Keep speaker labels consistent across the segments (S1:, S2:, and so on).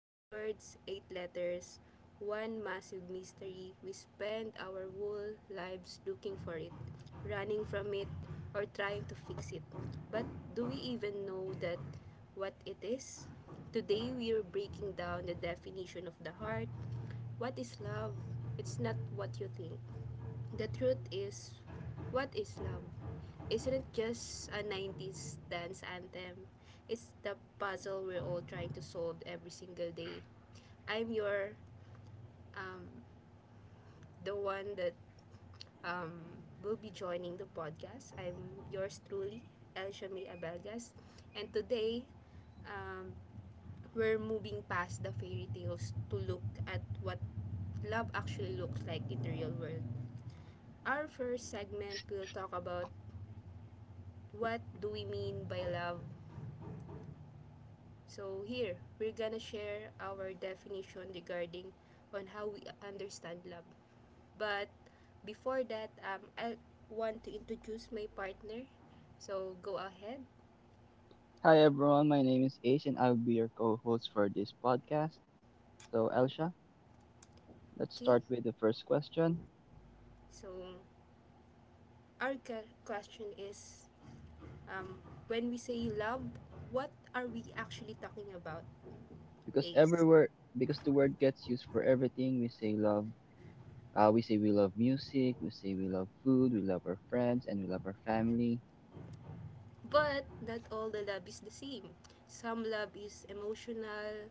S1: Three words, eight letters, one massive mystery. We spend our whole lives looking for it, running from it, or trying to fix it. But do we even know that what it is? Today we are breaking down the definition of the heart. What is love? It's not what you think. The truth is, "what is love?" isn't just a 90s dance anthem. It's the puzzle we're all trying to solve every single day. I'm your, um, the one that um, will be joining the podcast. I'm yours truly, El Shamir Abelgas. And today, um, we're moving past the fairy tales to look at what love actually looks like in the real world. Our first segment will talk about, what do we mean by love? So here, we're gonna share our definition regarding on how we understand love. But before that, I want to introduce my partner. So go ahead,
S2: Hi everyone, my name is Ace and I'll be your co-host for this podcast. So Elsha, let's
S1: okay?
S2: start with the first question.
S1: So our question is, um, when we say love, what are we actually talking about,
S2: Because
S1: Ace?
S2: everywhere because the word gets used for everything, we say love. We say we love music, we say we love food, we love our friends, and we love our family.
S1: But not all the love is the same. Some love is emotional,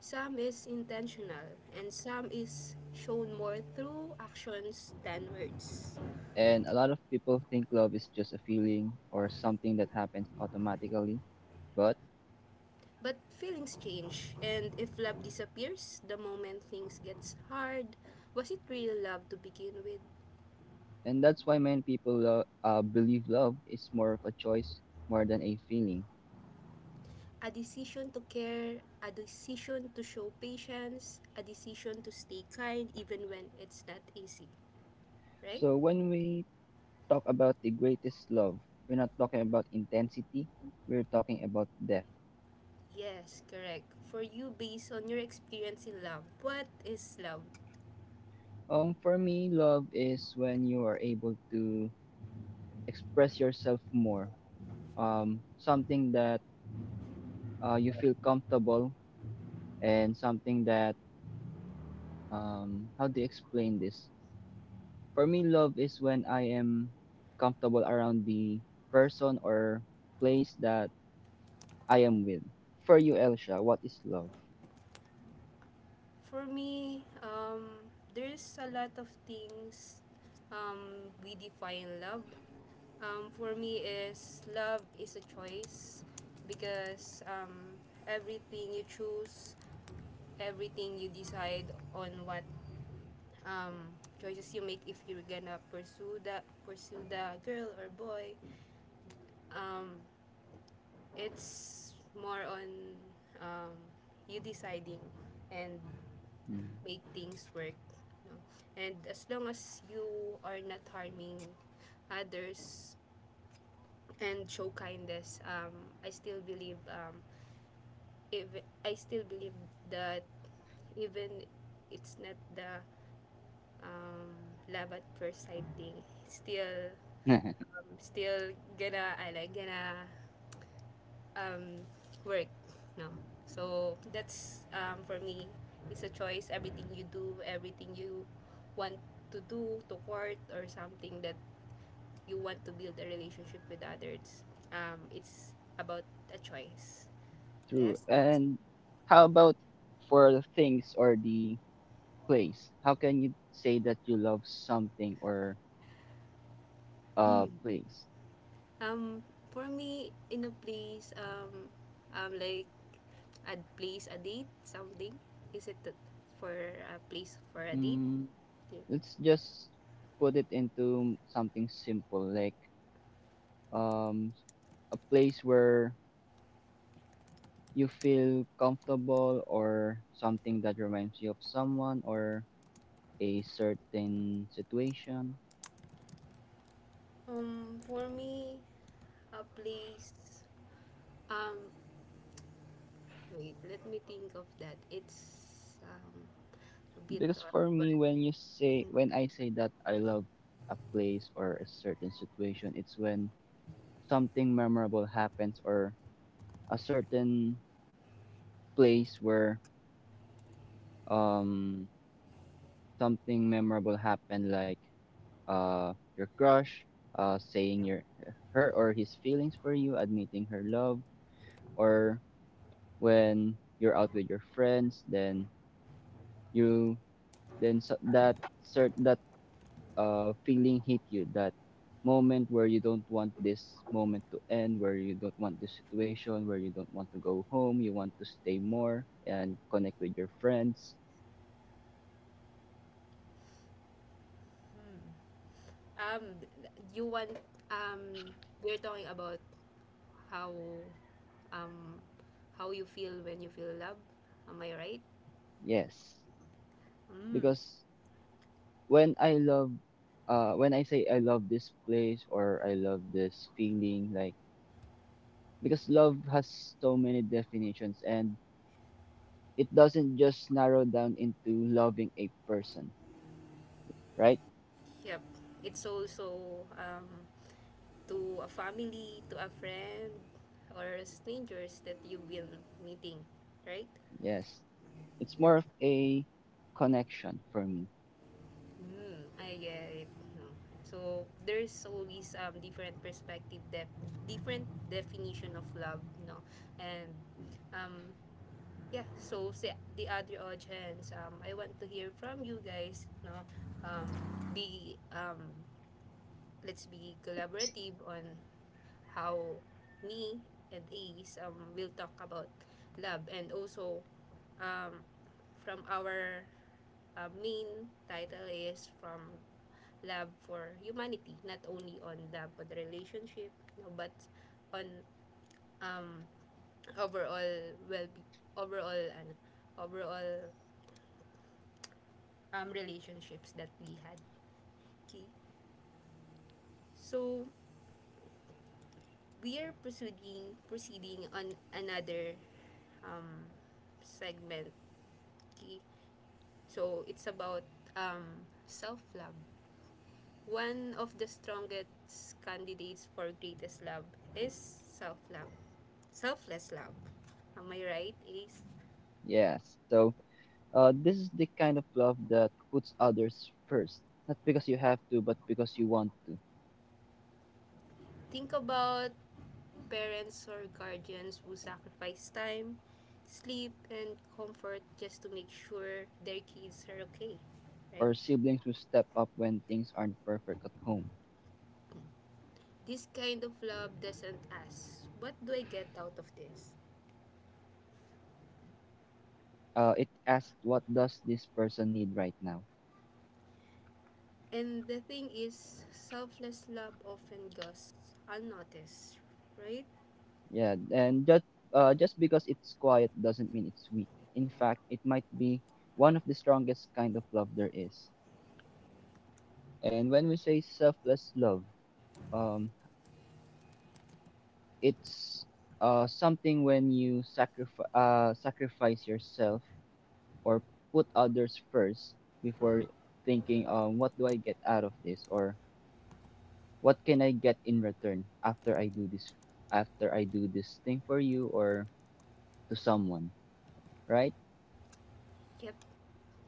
S1: some is intentional, and some is shown more through actions than words.
S2: And a lot of people think love is just a feeling or something that happens automatically. But
S1: But feelings change, and if love disappears the moment things gets hard, was it real love to begin with?
S2: and that's why many people believe love is more of a choice more than a feeling.
S1: A decision to care, a decision to show patience, a decision to stay kind even when it's not easy, right?
S2: So when we talk about the greatest love, we're not talking about intensity, we're talking about depth.
S1: Yes, correct. For you, based on your experience in love, what is love?
S2: For me, love is when you are able to express yourself more. Something that you feel comfortable and something that how do you explain this? For me, love is when I am comfortable around the person or place that I am with. For you, Elsha, what is love?
S1: For me, there's a lot of things we define love. For me, is love is a choice because everything you choose, everything you decide on what um, choices you make if you're gonna pursue the girl or boy, um, It's more on um, you deciding and
S2: Mhm.
S1: make things work. No? And as long as you are not harming others and show kindness, I still believe if I still believe that even it's not the um, love at first sight thing, it's still um, still gonna I like gonna um, work, no? So that's for me, it's a choice. Everything you do, everything you want to do, to court or something that you want to build a relationship with others, it's about a choice.
S2: True.
S1: Yes, taste.
S2: And how about for the things or the place? How can you say that you love something or a
S1: Hmm.
S2: place?
S1: Um, for me, in a place, like a place, a date, something. Is it for a place for a date?
S2: Mm,
S1: Yeah.
S2: let's just put it into something simple like um a place where you feel comfortable or something that reminds you of someone or a certain situation.
S1: For me, a place, um, wait, let me think of that. It's a bit
S2: Because
S1: hard,
S2: for
S1: but
S2: me when I say that I love a place or a certain situation, it's when something memorable happens or a certain place where um something memorable happened, like your crush saying your her or his feelings for you, admitting her love, or when you're out with your friends then you then so, that cert that feeling hit you, that moment where you don't want this moment to end, where you don't want this situation, where you don't want to go home, you want to stay more and connect with your friends.
S1: um, you want um, we're talking about how um, how you feel when you feel love. Am I right?
S2: Yes,
S1: Mm.
S2: because when I love when I say I love this place or I love this feeling, like, because love has so many definitions and it doesn't just narrow down into loving a person, right?
S1: Yep. It's also to a family, to a friend, or strangers that you've been meeting, right?
S2: Yes, it's
S1: Yep.
S2: more of a connection for me.
S1: Mm, I get it. No. So there's always different perspective, different definition of love, and um yeah. So sa the other audience, I want to hear from you guys, no. Um be let's be collaborative on how me and Ace will talk about love and also um from our main title is from love for humanity, not only on the relationship, no, but on um overall well overall and overall relationships that we had. Okay. So we are proceeding on another um segment. Okay. So it's about self love. One of the strongest candidates for greatest love is self love. Selfless love. Am I right, Ace?
S2: Yes. So this is the kind of love that puts others first, not because you have to, but because you want to.
S1: Think about parents or guardians who sacrifice time, sleep, and comfort just to make sure their kids are okay, right?
S2: Or siblings who step up when things aren't perfect at home.
S1: This kind of love doesn't ask, what do I get out of this?
S2: It asks, what does this person need right now?
S1: And the thing is, selfless love often goes unnoticed, right?
S2: Yeah, and just because it's quiet doesn't mean it's weak. In fact, it might be one of the strongest kind of love there is. And when we say selfless love, um, it's something when you sacrifice yourself or put others first before thinking what do I get out of this or what can I get in return after I do this after I do this thing for you or to someone, right?
S1: Yep,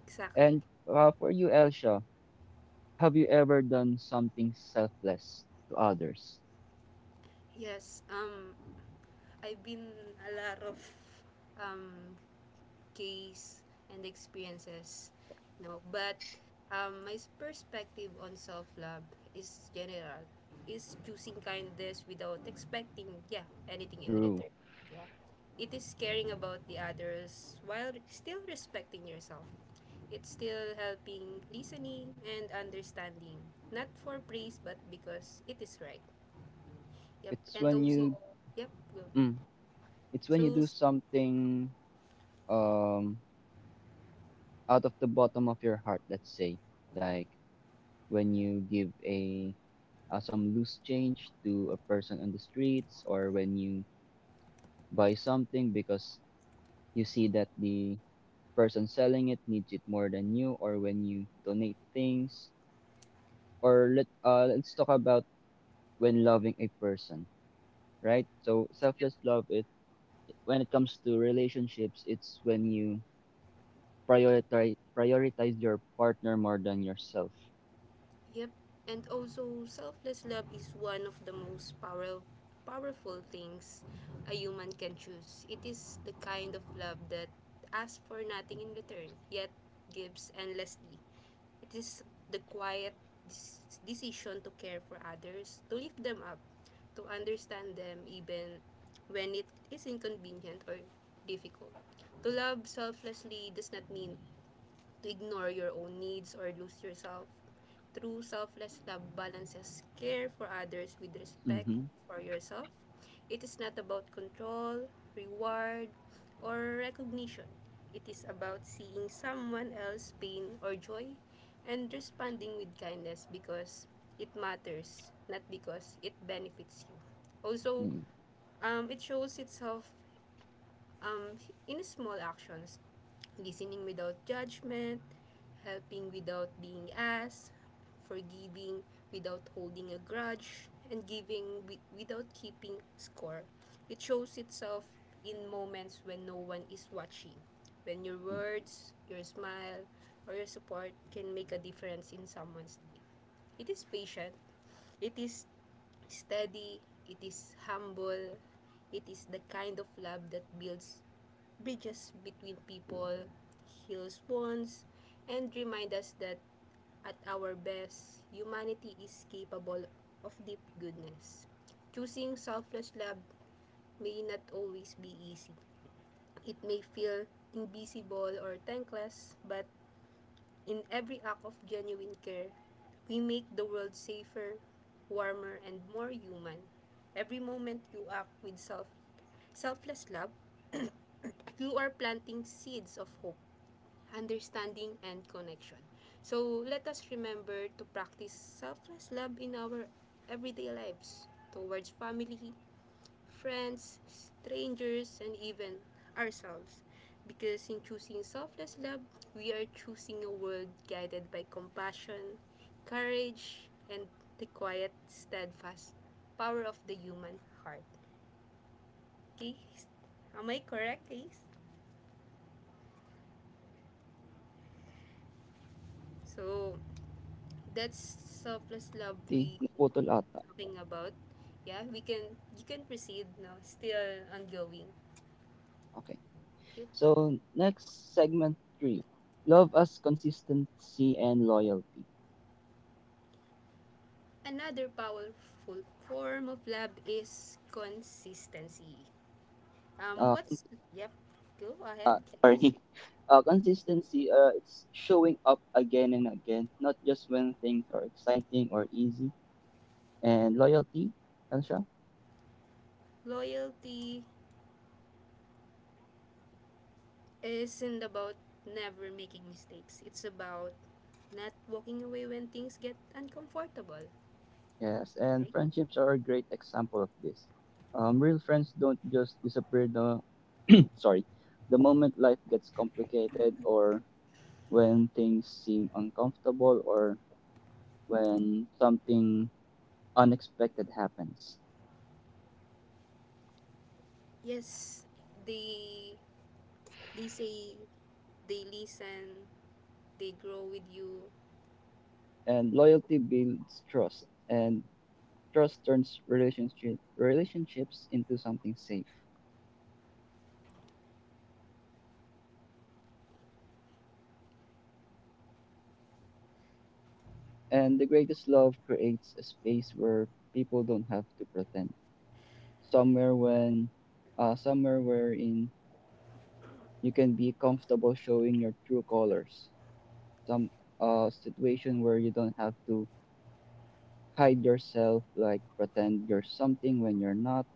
S1: exactly.
S2: And for you, Elsha, have you ever done something selfless to others?
S1: Yes, I've been a lot of um, case and experiences no but my perspective on self-love is general is choosing kindness without expecting yeah anything in
S2: True.
S1: return. Yeah, it is caring about the others while still respecting yourself. It's still helping listening and understanding, not for praise but because it is right. Yep,
S2: It's
S1: and
S2: when you
S1: also, yep, go.
S2: mm, it's when you do
S1: So
S2: something um out of the bottom of your heart, let's say, like when you give a some loose change to a person on the streets, or when you buy something because you see that the person selling it needs it more than you, or when you donate things. Or let's talk about when loving a person, right? So selfless love, it, when it comes to relationships, it's when you prioritize your partner more than yourself.
S1: yep. And also, selfless love is one of the most powerful things a human can choose. It is the kind of love that asks for nothing in return, yet gives endlessly. It is the quiet decision to care for others, to lift them up, to understand them even when it is inconvenient or difficult. To love selflessly does not mean to ignore your own needs or lose yourself. True selfless love balances care for others with respect
S2: Mm-hmm.
S1: for yourself. It is not about control, reward, or recognition. It is about seeing someone else's pain or joy and responding with kindness because it matters, not because it benefits you. Also,
S2: Mm-hmm.
S1: it shows itself um, in small actions, listening without judgment, helping without being asked, forgiving without holding a grudge, and giving without keeping score. It shows itself in moments when no one is watching, when your words, your smile, or your support can make a difference in someone's day. It is patient, it is steady, it is humble, it is the kind of love that builds bridges between people, heals bonds, and reminds us that at our best, humanity is capable of deep goodness. Choosing selfless love may not always be easy. It may feel invisible or thankless, but in every act of genuine care, we make the world safer, warmer, and more human. Every moment you act with selfless love, you are planting seeds of hope, understanding, and connection. So let us remember to practice selfless love in our everyday lives towards family, friends, strangers, and even ourselves. Because in choosing selfless love, we are choosing a world guided by compassion, courage, and the quiet, steadfast power of the human heart. Okay? Am I correct, Ace? So that's selfless love
S2: Tea,
S1: we
S2: naputol ata.
S1: talking about. Yeah, we can you can proceed now. Still ongoing.
S2: Okay.
S1: Yep.
S2: So, next segment three. Love as consistency and loyalty.
S1: Another powerful form of lab is consistency.
S2: Uh,
S1: What's yep? Go ahead.
S2: uh sorry. Consistency, it's showing up again and again, not just when things are exciting or easy. And loyalty, Elsha?
S1: Loyalty isn't about never making mistakes. It's about not walking away when things get uncomfortable.
S2: Yes, and
S1: Right?
S2: friendships are a great example of this. Real friends don't just disappear the sorry, the moment life gets complicated, or when things seem uncomfortable, or when something unexpected happens.
S1: Yes, they they say, they listen, they grow with you.
S2: And loyalty builds trust, and trust turns relationships into something safe. And the greatest love creates a space where people don't have to pretend. Somewhere when, Somewhere wherein you can be comfortable showing your true colors. Some situation where you don't have to hide yourself, like pretend you're something when you're not.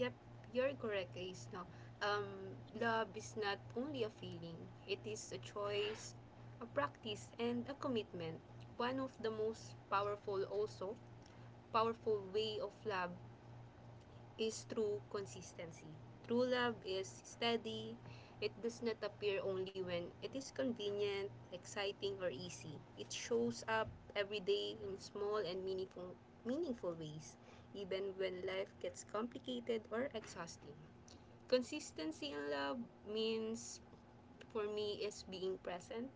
S1: Yep, you're correct, Ace. No, um, love is not only a feeling; it is a choice, a practice, and a commitment. One of the most powerful way of love is through consistency. True love is steady. It does not appear only when it is convenient, exciting, or easy. It shows up every day in small and meaningful ways, even when life gets complicated or exhausting. Consistency in love means, for me, is being present.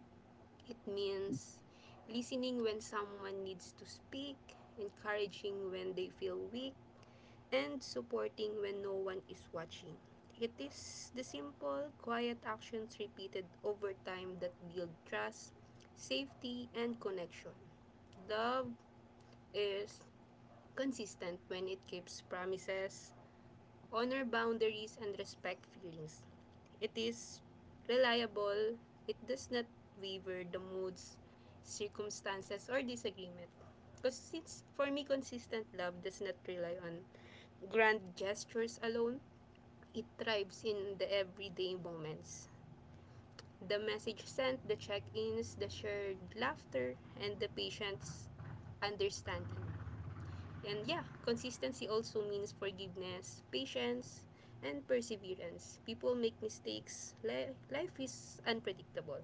S1: It means listening when someone needs to speak, encouraging when they feel weak, and supporting when no one is watching. It is the simple, quiet actions repeated over time that build trust, safety, and connection. Love is consistent when it keeps promises, honor boundaries, and respect feelings. It is reliable. It does not waver the moods, circumstances, or disagreement. Because since for me, consistent love does not rely on grand gestures alone. It thrives in the everyday moments: the message sent, the check-ins, the shared laughter, and the patient's understanding. And yeah, consistency also means forgiveness, patience, and perseverance. People make mistakes. Life is unpredictable.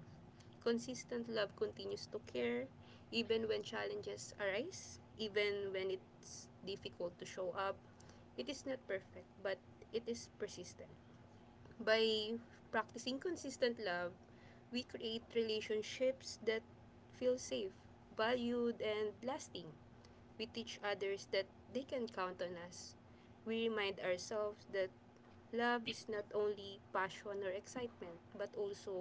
S1: Consistent love continues to care even when challenges arise, even when it's difficult to show up. It is not perfect, but it is persistent. By practicing consistent love, we create relationships that feel safe, valued, and lasting. We teach others that they can count on us. We remind ourselves that love is not only passion or excitement, but also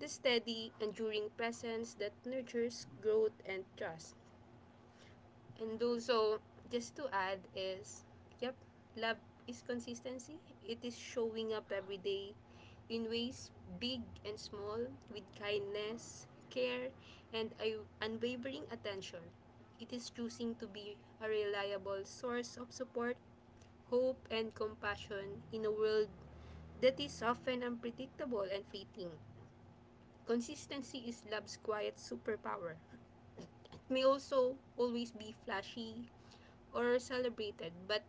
S1: the steady, enduring presence that nurtures growth and trust. And also, just to add is, yep, love is consistency. It is showing up every day in ways big and small with kindness, care, and unwavering attention. It is choosing to be a reliable source of support, hope, and compassion in a world that is often unpredictable and fleeting. Consistency is love's quiet superpower. It May also always be flashy or celebrated, but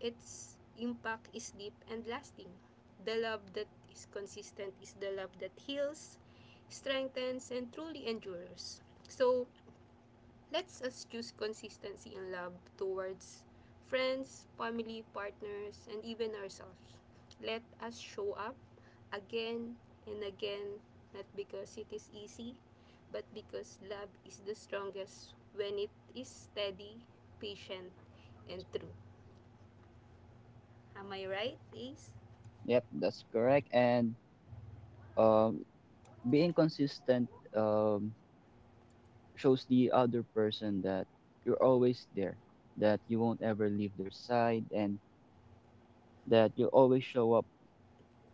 S1: its impact is deep and lasting. The love that is consistent is the love that heals, strengthens, and truly endures. So, let's us choose consistency in love towards friends, family, partners, and even ourselves. Let us show up again and again, not because it is easy, but because love is the strongest when it is steady, patient, and true. Am I right, Ace?
S2: Yep, that's correct. And um, being consistent um, shows the other person that you're always there, that you won't ever leave their side, and that you'll always show up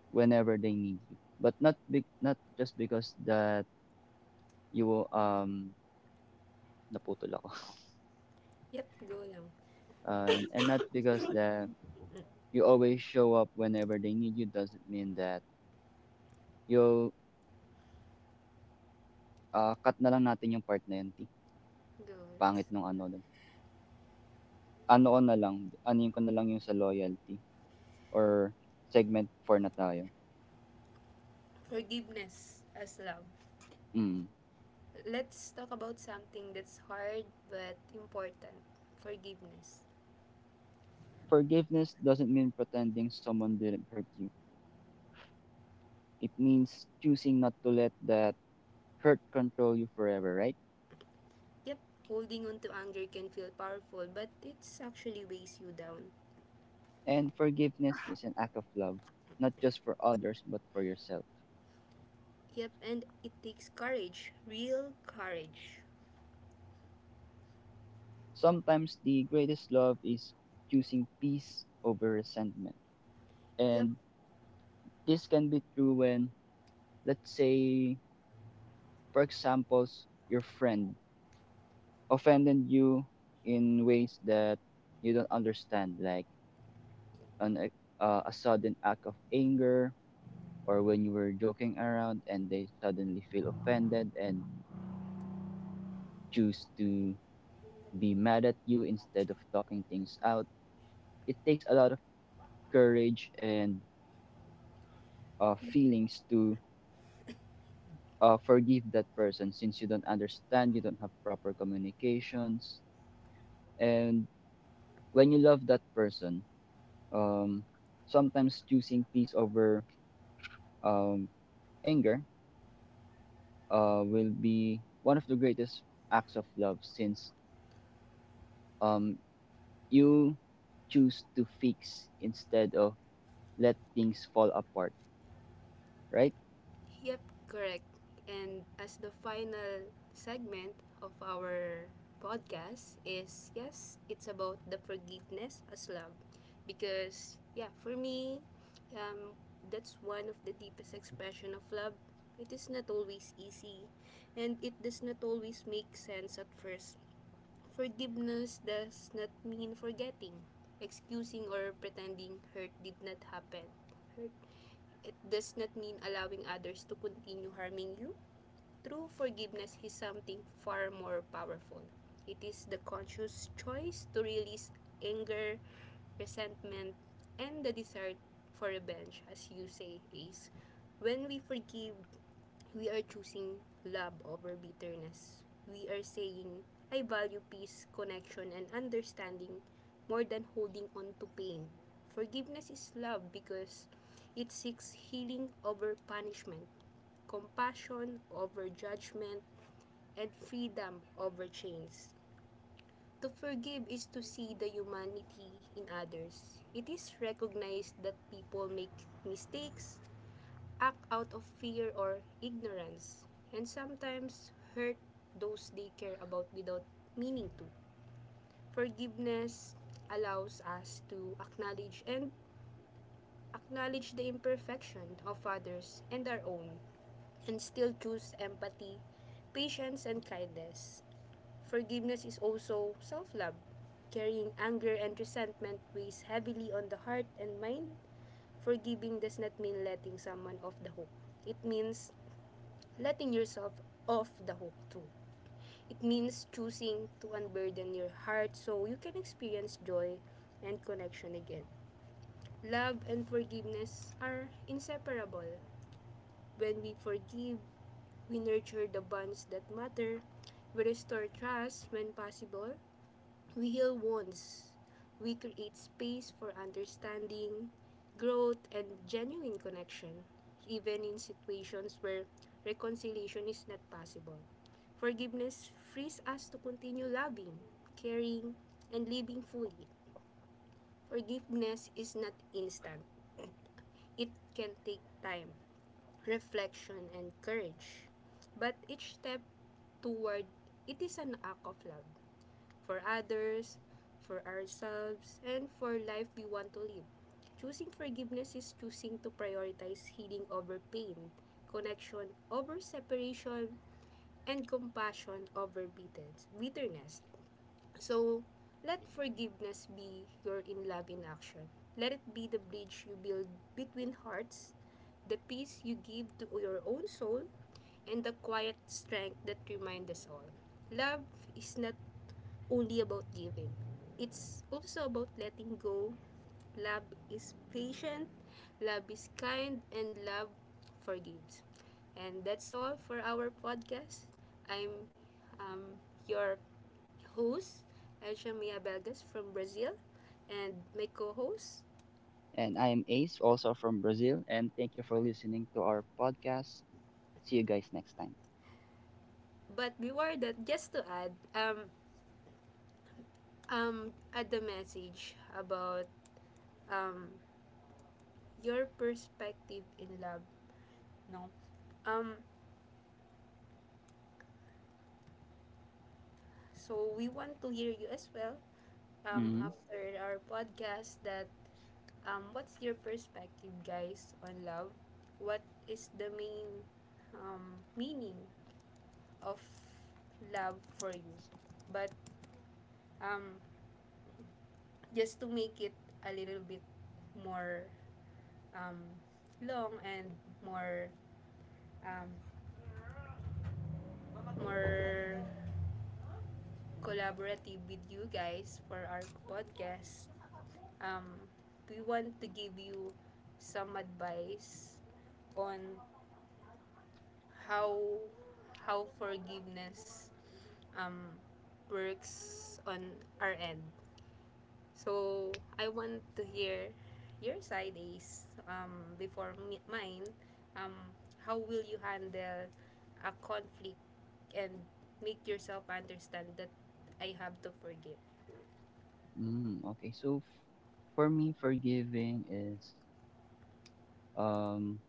S2: whenever they need you. But not big, not just because that you will naputol ako.
S1: Yep, go lang.
S2: And not because that
S1: Mm.
S2: you always show up whenever they need you doesn't mean that you'll cut na lang natin yung part na yun, T.
S1: Go, Russ.
S2: Pangit nung ano nun. Ano yun ko na lang yung sa loyalty or segment 4 na tayo.
S1: Forgiveness as love.
S2: Mm.
S1: Let's talk about something that's hard but important. Forgiveness.
S2: Forgiveness doesn't mean pretending someone didn't hurt you. It means choosing not to let that hurt control you forever, right?
S1: Yep, holding on to anger can feel powerful, but it actually weighs you down.
S2: And forgiveness is an act of love, not just for others, but for yourself.
S1: Yep, and it takes courage, real courage.
S2: Sometimes the greatest love is choosing peace over resentment.
S1: Yep.
S2: And this can be true when, let's say, for example, your friend offended you in ways that you don't understand, like an e- a sudden act of anger, or when you were joking around and they suddenly feel offended and choose to be mad at you instead of talking things out. It takes a lot of courage and feelings to forgive that person, since you don't understand, you don't have proper communications. And when you love that person, um, sometimes choosing peace over um, anger will be one of the greatest acts of love, since um, you choose to fix instead of let things fall apart, right?
S1: Yep, correct. And as the final segment of our podcast is yes, it's about the forgiveness as love. Because yeah, for me, um that's one of the deepest expression of love. It is not always easy and it does not always make sense at first. Forgiveness does not mean forgetting, excusing or pretending hurt did not happen. Hurt It does not mean allowing others to continue harming you. True forgiveness is something far more powerful. It is the conscious choice to release anger, resentment, and the desire for revenge, as you say, Ace. When we forgive, we are choosing love over bitterness. We are saying, I value peace, connection, and understanding more than holding on to pain. Forgiveness is love because it seeks healing over punishment, compassion over judgment, and freedom over chains. To forgive is to see the humanity in others. It is recognized that people make mistakes, act out of fear or ignorance, and sometimes hurt those they care about without meaning to. Forgiveness allows us to acknowledge the imperfection of others and our own, and still choose empathy, patience, and kindness. Forgiveness is also self love. Carrying anger and resentment weighs heavily on the heart and mind. Forgiving does not mean letting someone off the hook. It means letting yourself off the hook too. It means choosing to unburden your heart so you can experience joy and connection again. Love and forgiveness are inseparable. When we forgive, we nurture the bonds that matter. We restore trust when possible. We heal wounds. We create space for understanding, growth, and genuine connection, even in situations where reconciliation is not possible. Forgiveness frees us to continue loving, caring, and living fully. Forgiveness is not instant. It can take time, reflection, and courage. But each step toward it is an act of love for others, for ourselves, and for life we want to live. Choosing forgiveness is choosing to prioritize healing over pain, connection over separation, and compassion over bitterness. So, let forgiveness be your in love in action. Let it be the bridge you build between hearts, the peace you give to your own soul, and the quiet strength that reminds us all. Love is not only about giving, it's also about letting go. Love is patient, love is kind, and love forgives. And that's all for our podcast. I'm um, your host, Elshamia Belgas from Brazil, and my co-host.
S2: And I am Ace, also from Brazil, and thank you for listening to our podcast. See you guys next time.
S1: But before that, just to add, add the message about um, your perspective in love, no? Um, so we want to hear you as well
S2: Hmm.
S1: after our podcast that what's your perspective, guys, on love? What is the main meaning of love for you? But um, just to make it a little bit more um, long and more um, more collaborative with you guys for our podcast. Um, we want to give you some advice on how how forgiveness um, works on our end. So I want to hear your side is before mine. Um, how will you handle a conflict and make yourself understand that I have to forgive?
S2: Okay, so for me, forgiving is, um,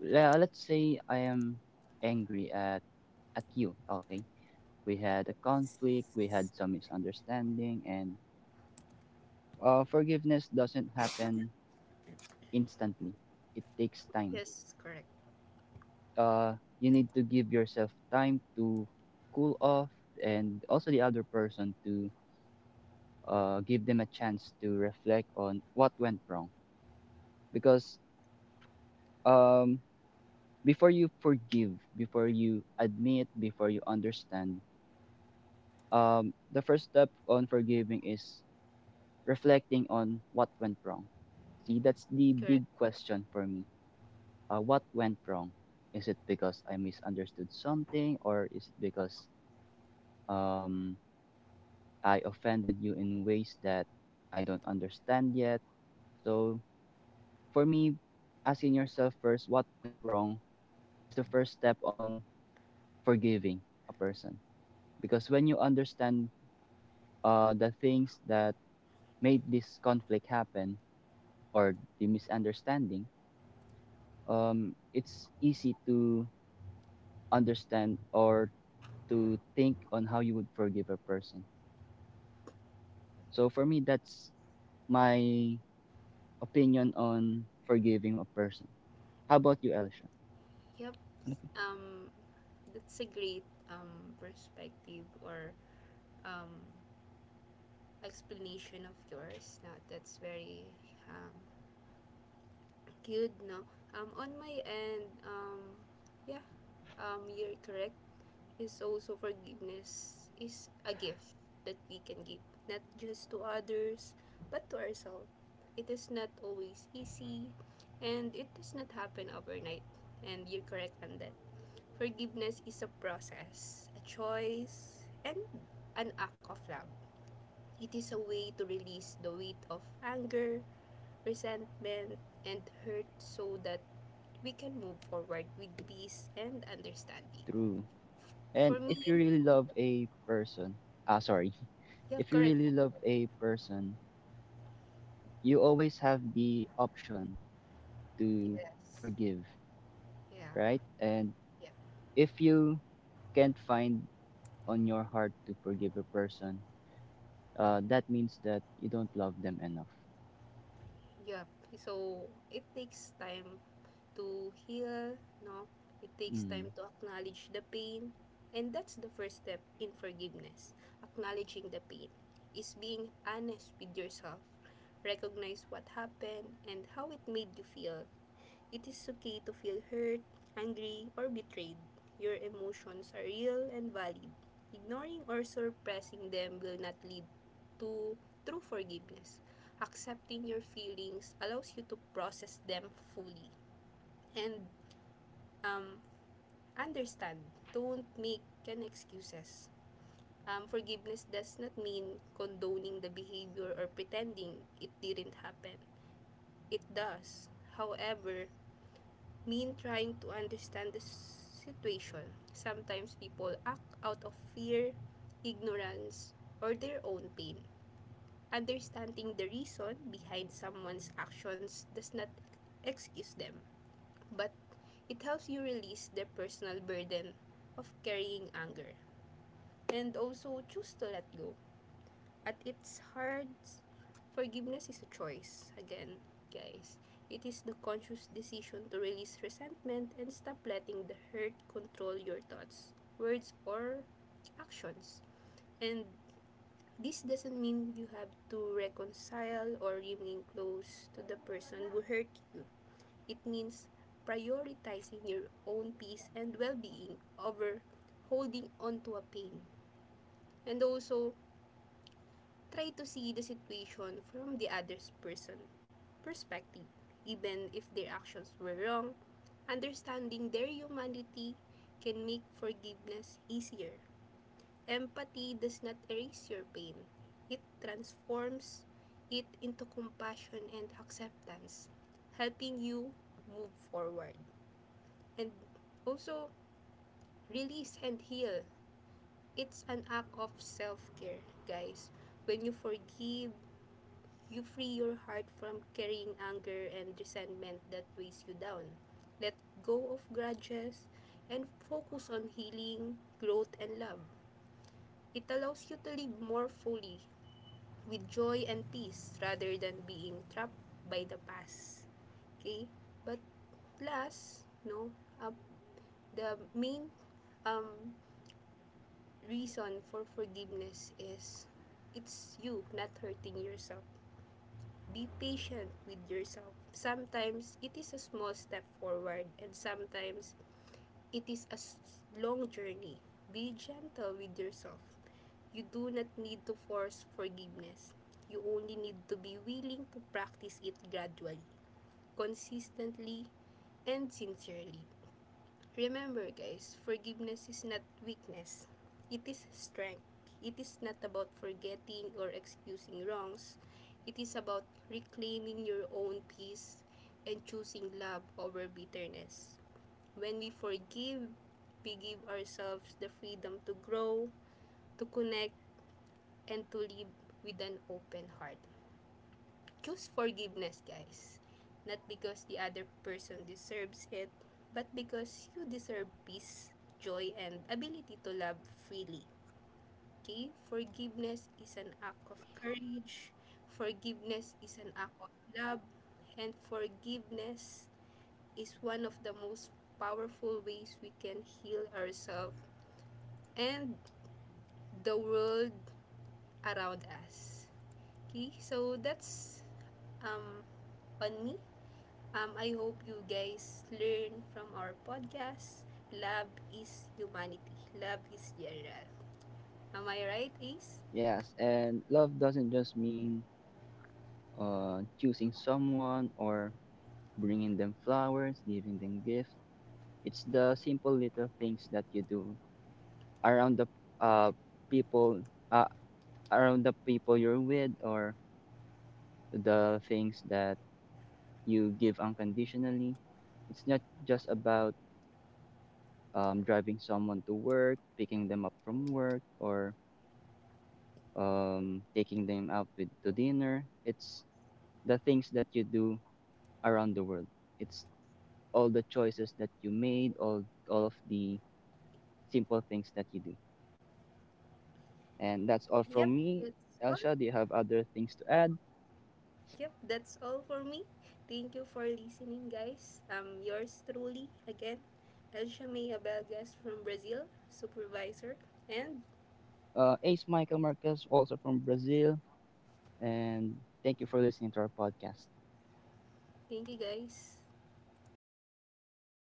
S2: let's say I am angry at you. Okay, we had a conflict, we had some misunderstanding, and forgiveness doesn't happen instantly. It takes time.
S1: Yes, correct,
S2: You need to give yourself time to cool off, and also the other person, to give them a chance to reflect on what went wrong. Because um, before you forgive, before you admit, before you understand, the first step on forgiving is reflecting on what went wrong. See, that's the big
S1: correct.
S2: question for me, what went wrong? Is it because I misunderstood something, or is it because um, I offended you in ways that I don't understand yet? So, for me, asking yourself first what went wrong is the first step on forgiving a person. Because when you understand the things that made this conflict happen or the misunderstanding, it's easy to understand or to think on how you would forgive a person. So for me, that's my opinion on forgiving a person. How about you, Elisha?
S1: Yep.
S2: Ano ka?
S1: Um, that's a great perspective or um explanation of yours. Now that's very um good. No. On my end, yeah. You're correct. Is also forgiveness is a gift that we can give not just to others but to ourselves it is not always easy and it does not happen overnight and you're correct on that forgiveness is a process a choice and an act of love it is a way to release the weight of anger resentment and hurt so that we can move forward with peace and understanding
S2: True.
S1: for
S2: And if you
S1: me
S2: really love a person, ah, sorry,
S1: yeah
S2: if you
S1: correct
S2: really love a person, you always have the option to
S1: yes
S2: forgive,
S1: Yeah,
S2: right? And
S1: yeah,
S2: if you can't find on your heart to forgive a person, that means that you don't love them enough.
S1: yeah. So it takes time to heal, no? It takes time
S2: Mm.
S1: to acknowledge the pain. And that's the first step in forgiveness. Acknowledging the pain is being honest with yourself. Recognize what happened and how it made you feel. It is okay to feel hurt, angry, or betrayed. Your emotions are real and valid. Ignoring or suppressing them will not lead to true forgiveness. Accepting your feelings allows you to process them fully and um, understand. Don't make an excuses. Forgiveness does not mean condoning the behavior or pretending it didn't happen. It does, however, mean trying to understand the situation. Sometimes people act out of fear, ignorance, or their own pain. Understanding the reason behind someone's actions does not excuse them, but it helps you release the personal burden of carrying anger and also choose to let go. At its heart forgiveness is a choice. Again, guys, it is the conscious decision to release resentment and stop letting the hurt control your thoughts, words, or actions. And this doesn't mean you have to reconcile or remain close to the person who hurt you. It means prioritizing your own peace and well-being over holding on to a pain. And also, try to see the situation from the other person's perspective. Even if their actions were wrong, understanding their humanity can make forgiveness easier. Empathy does not erase your pain. It transforms it into compassion and acceptance, helping you move forward and also release and heal. It's an act of self care, guys. When you forgive, you free your heart from carrying anger and resentment that weighs you down. Let go of grudges and focus on healing, growth, and love. It allows you to live more fully with joy and peace rather than being trapped by the past. Okay? But last, no, uh, the main um, reason for forgiveness is it's you not hurting yourself. Be patient with yourself. Sometimes it is a small step forward and sometimes it is a long journey. Be gentle with yourself. You do not need to force forgiveness. You only need to be willing to practice it gradually. Consistently, and sincerely. Remember, guys, forgiveness is not weakness, it is strength. It is not about forgetting or excusing wrongs. It is about reclaiming your own peace and choosing love over bitterness. When we forgive, we give ourselves the freedom to grow, to connect, and to live with an open heart. Choose forgiveness, guys. Not because the other person deserves it, but because you deserve peace, joy, and ability to love freely. Okay? Forgiveness is an act of courage. Forgiveness is an act of love. And forgiveness is one of the most powerful ways we can heal ourselves and the world around us. Okay? So that's um, on me. I hope you guys learn from our podcast. Love is humanity. Love is general. Am I right, Ace?
S2: Yes, and love doesn't just mean choosing someone or bringing them flowers, giving them gifts. It's the simple little things that you do around the uh people uh around the people you're with, or the things that you give unconditionally. It's not just about driving someone to work, picking them up from work, or taking them out with to dinner. It's the things that you do around the world. It's all the choices that you made, all of the simple things that you do. And that's all
S1: Yep,
S2: from me.
S1: that's all.
S2: Elsha, do you have other things to add?
S1: Yep, that's all for me. Thank you for listening, guys. Yours truly, again, Elsa May Abelgas from Brazil, supervisor. And
S2: Ace Michael Marquez, also from Brazil. And thank you for listening to our podcast.
S1: thank you, guys.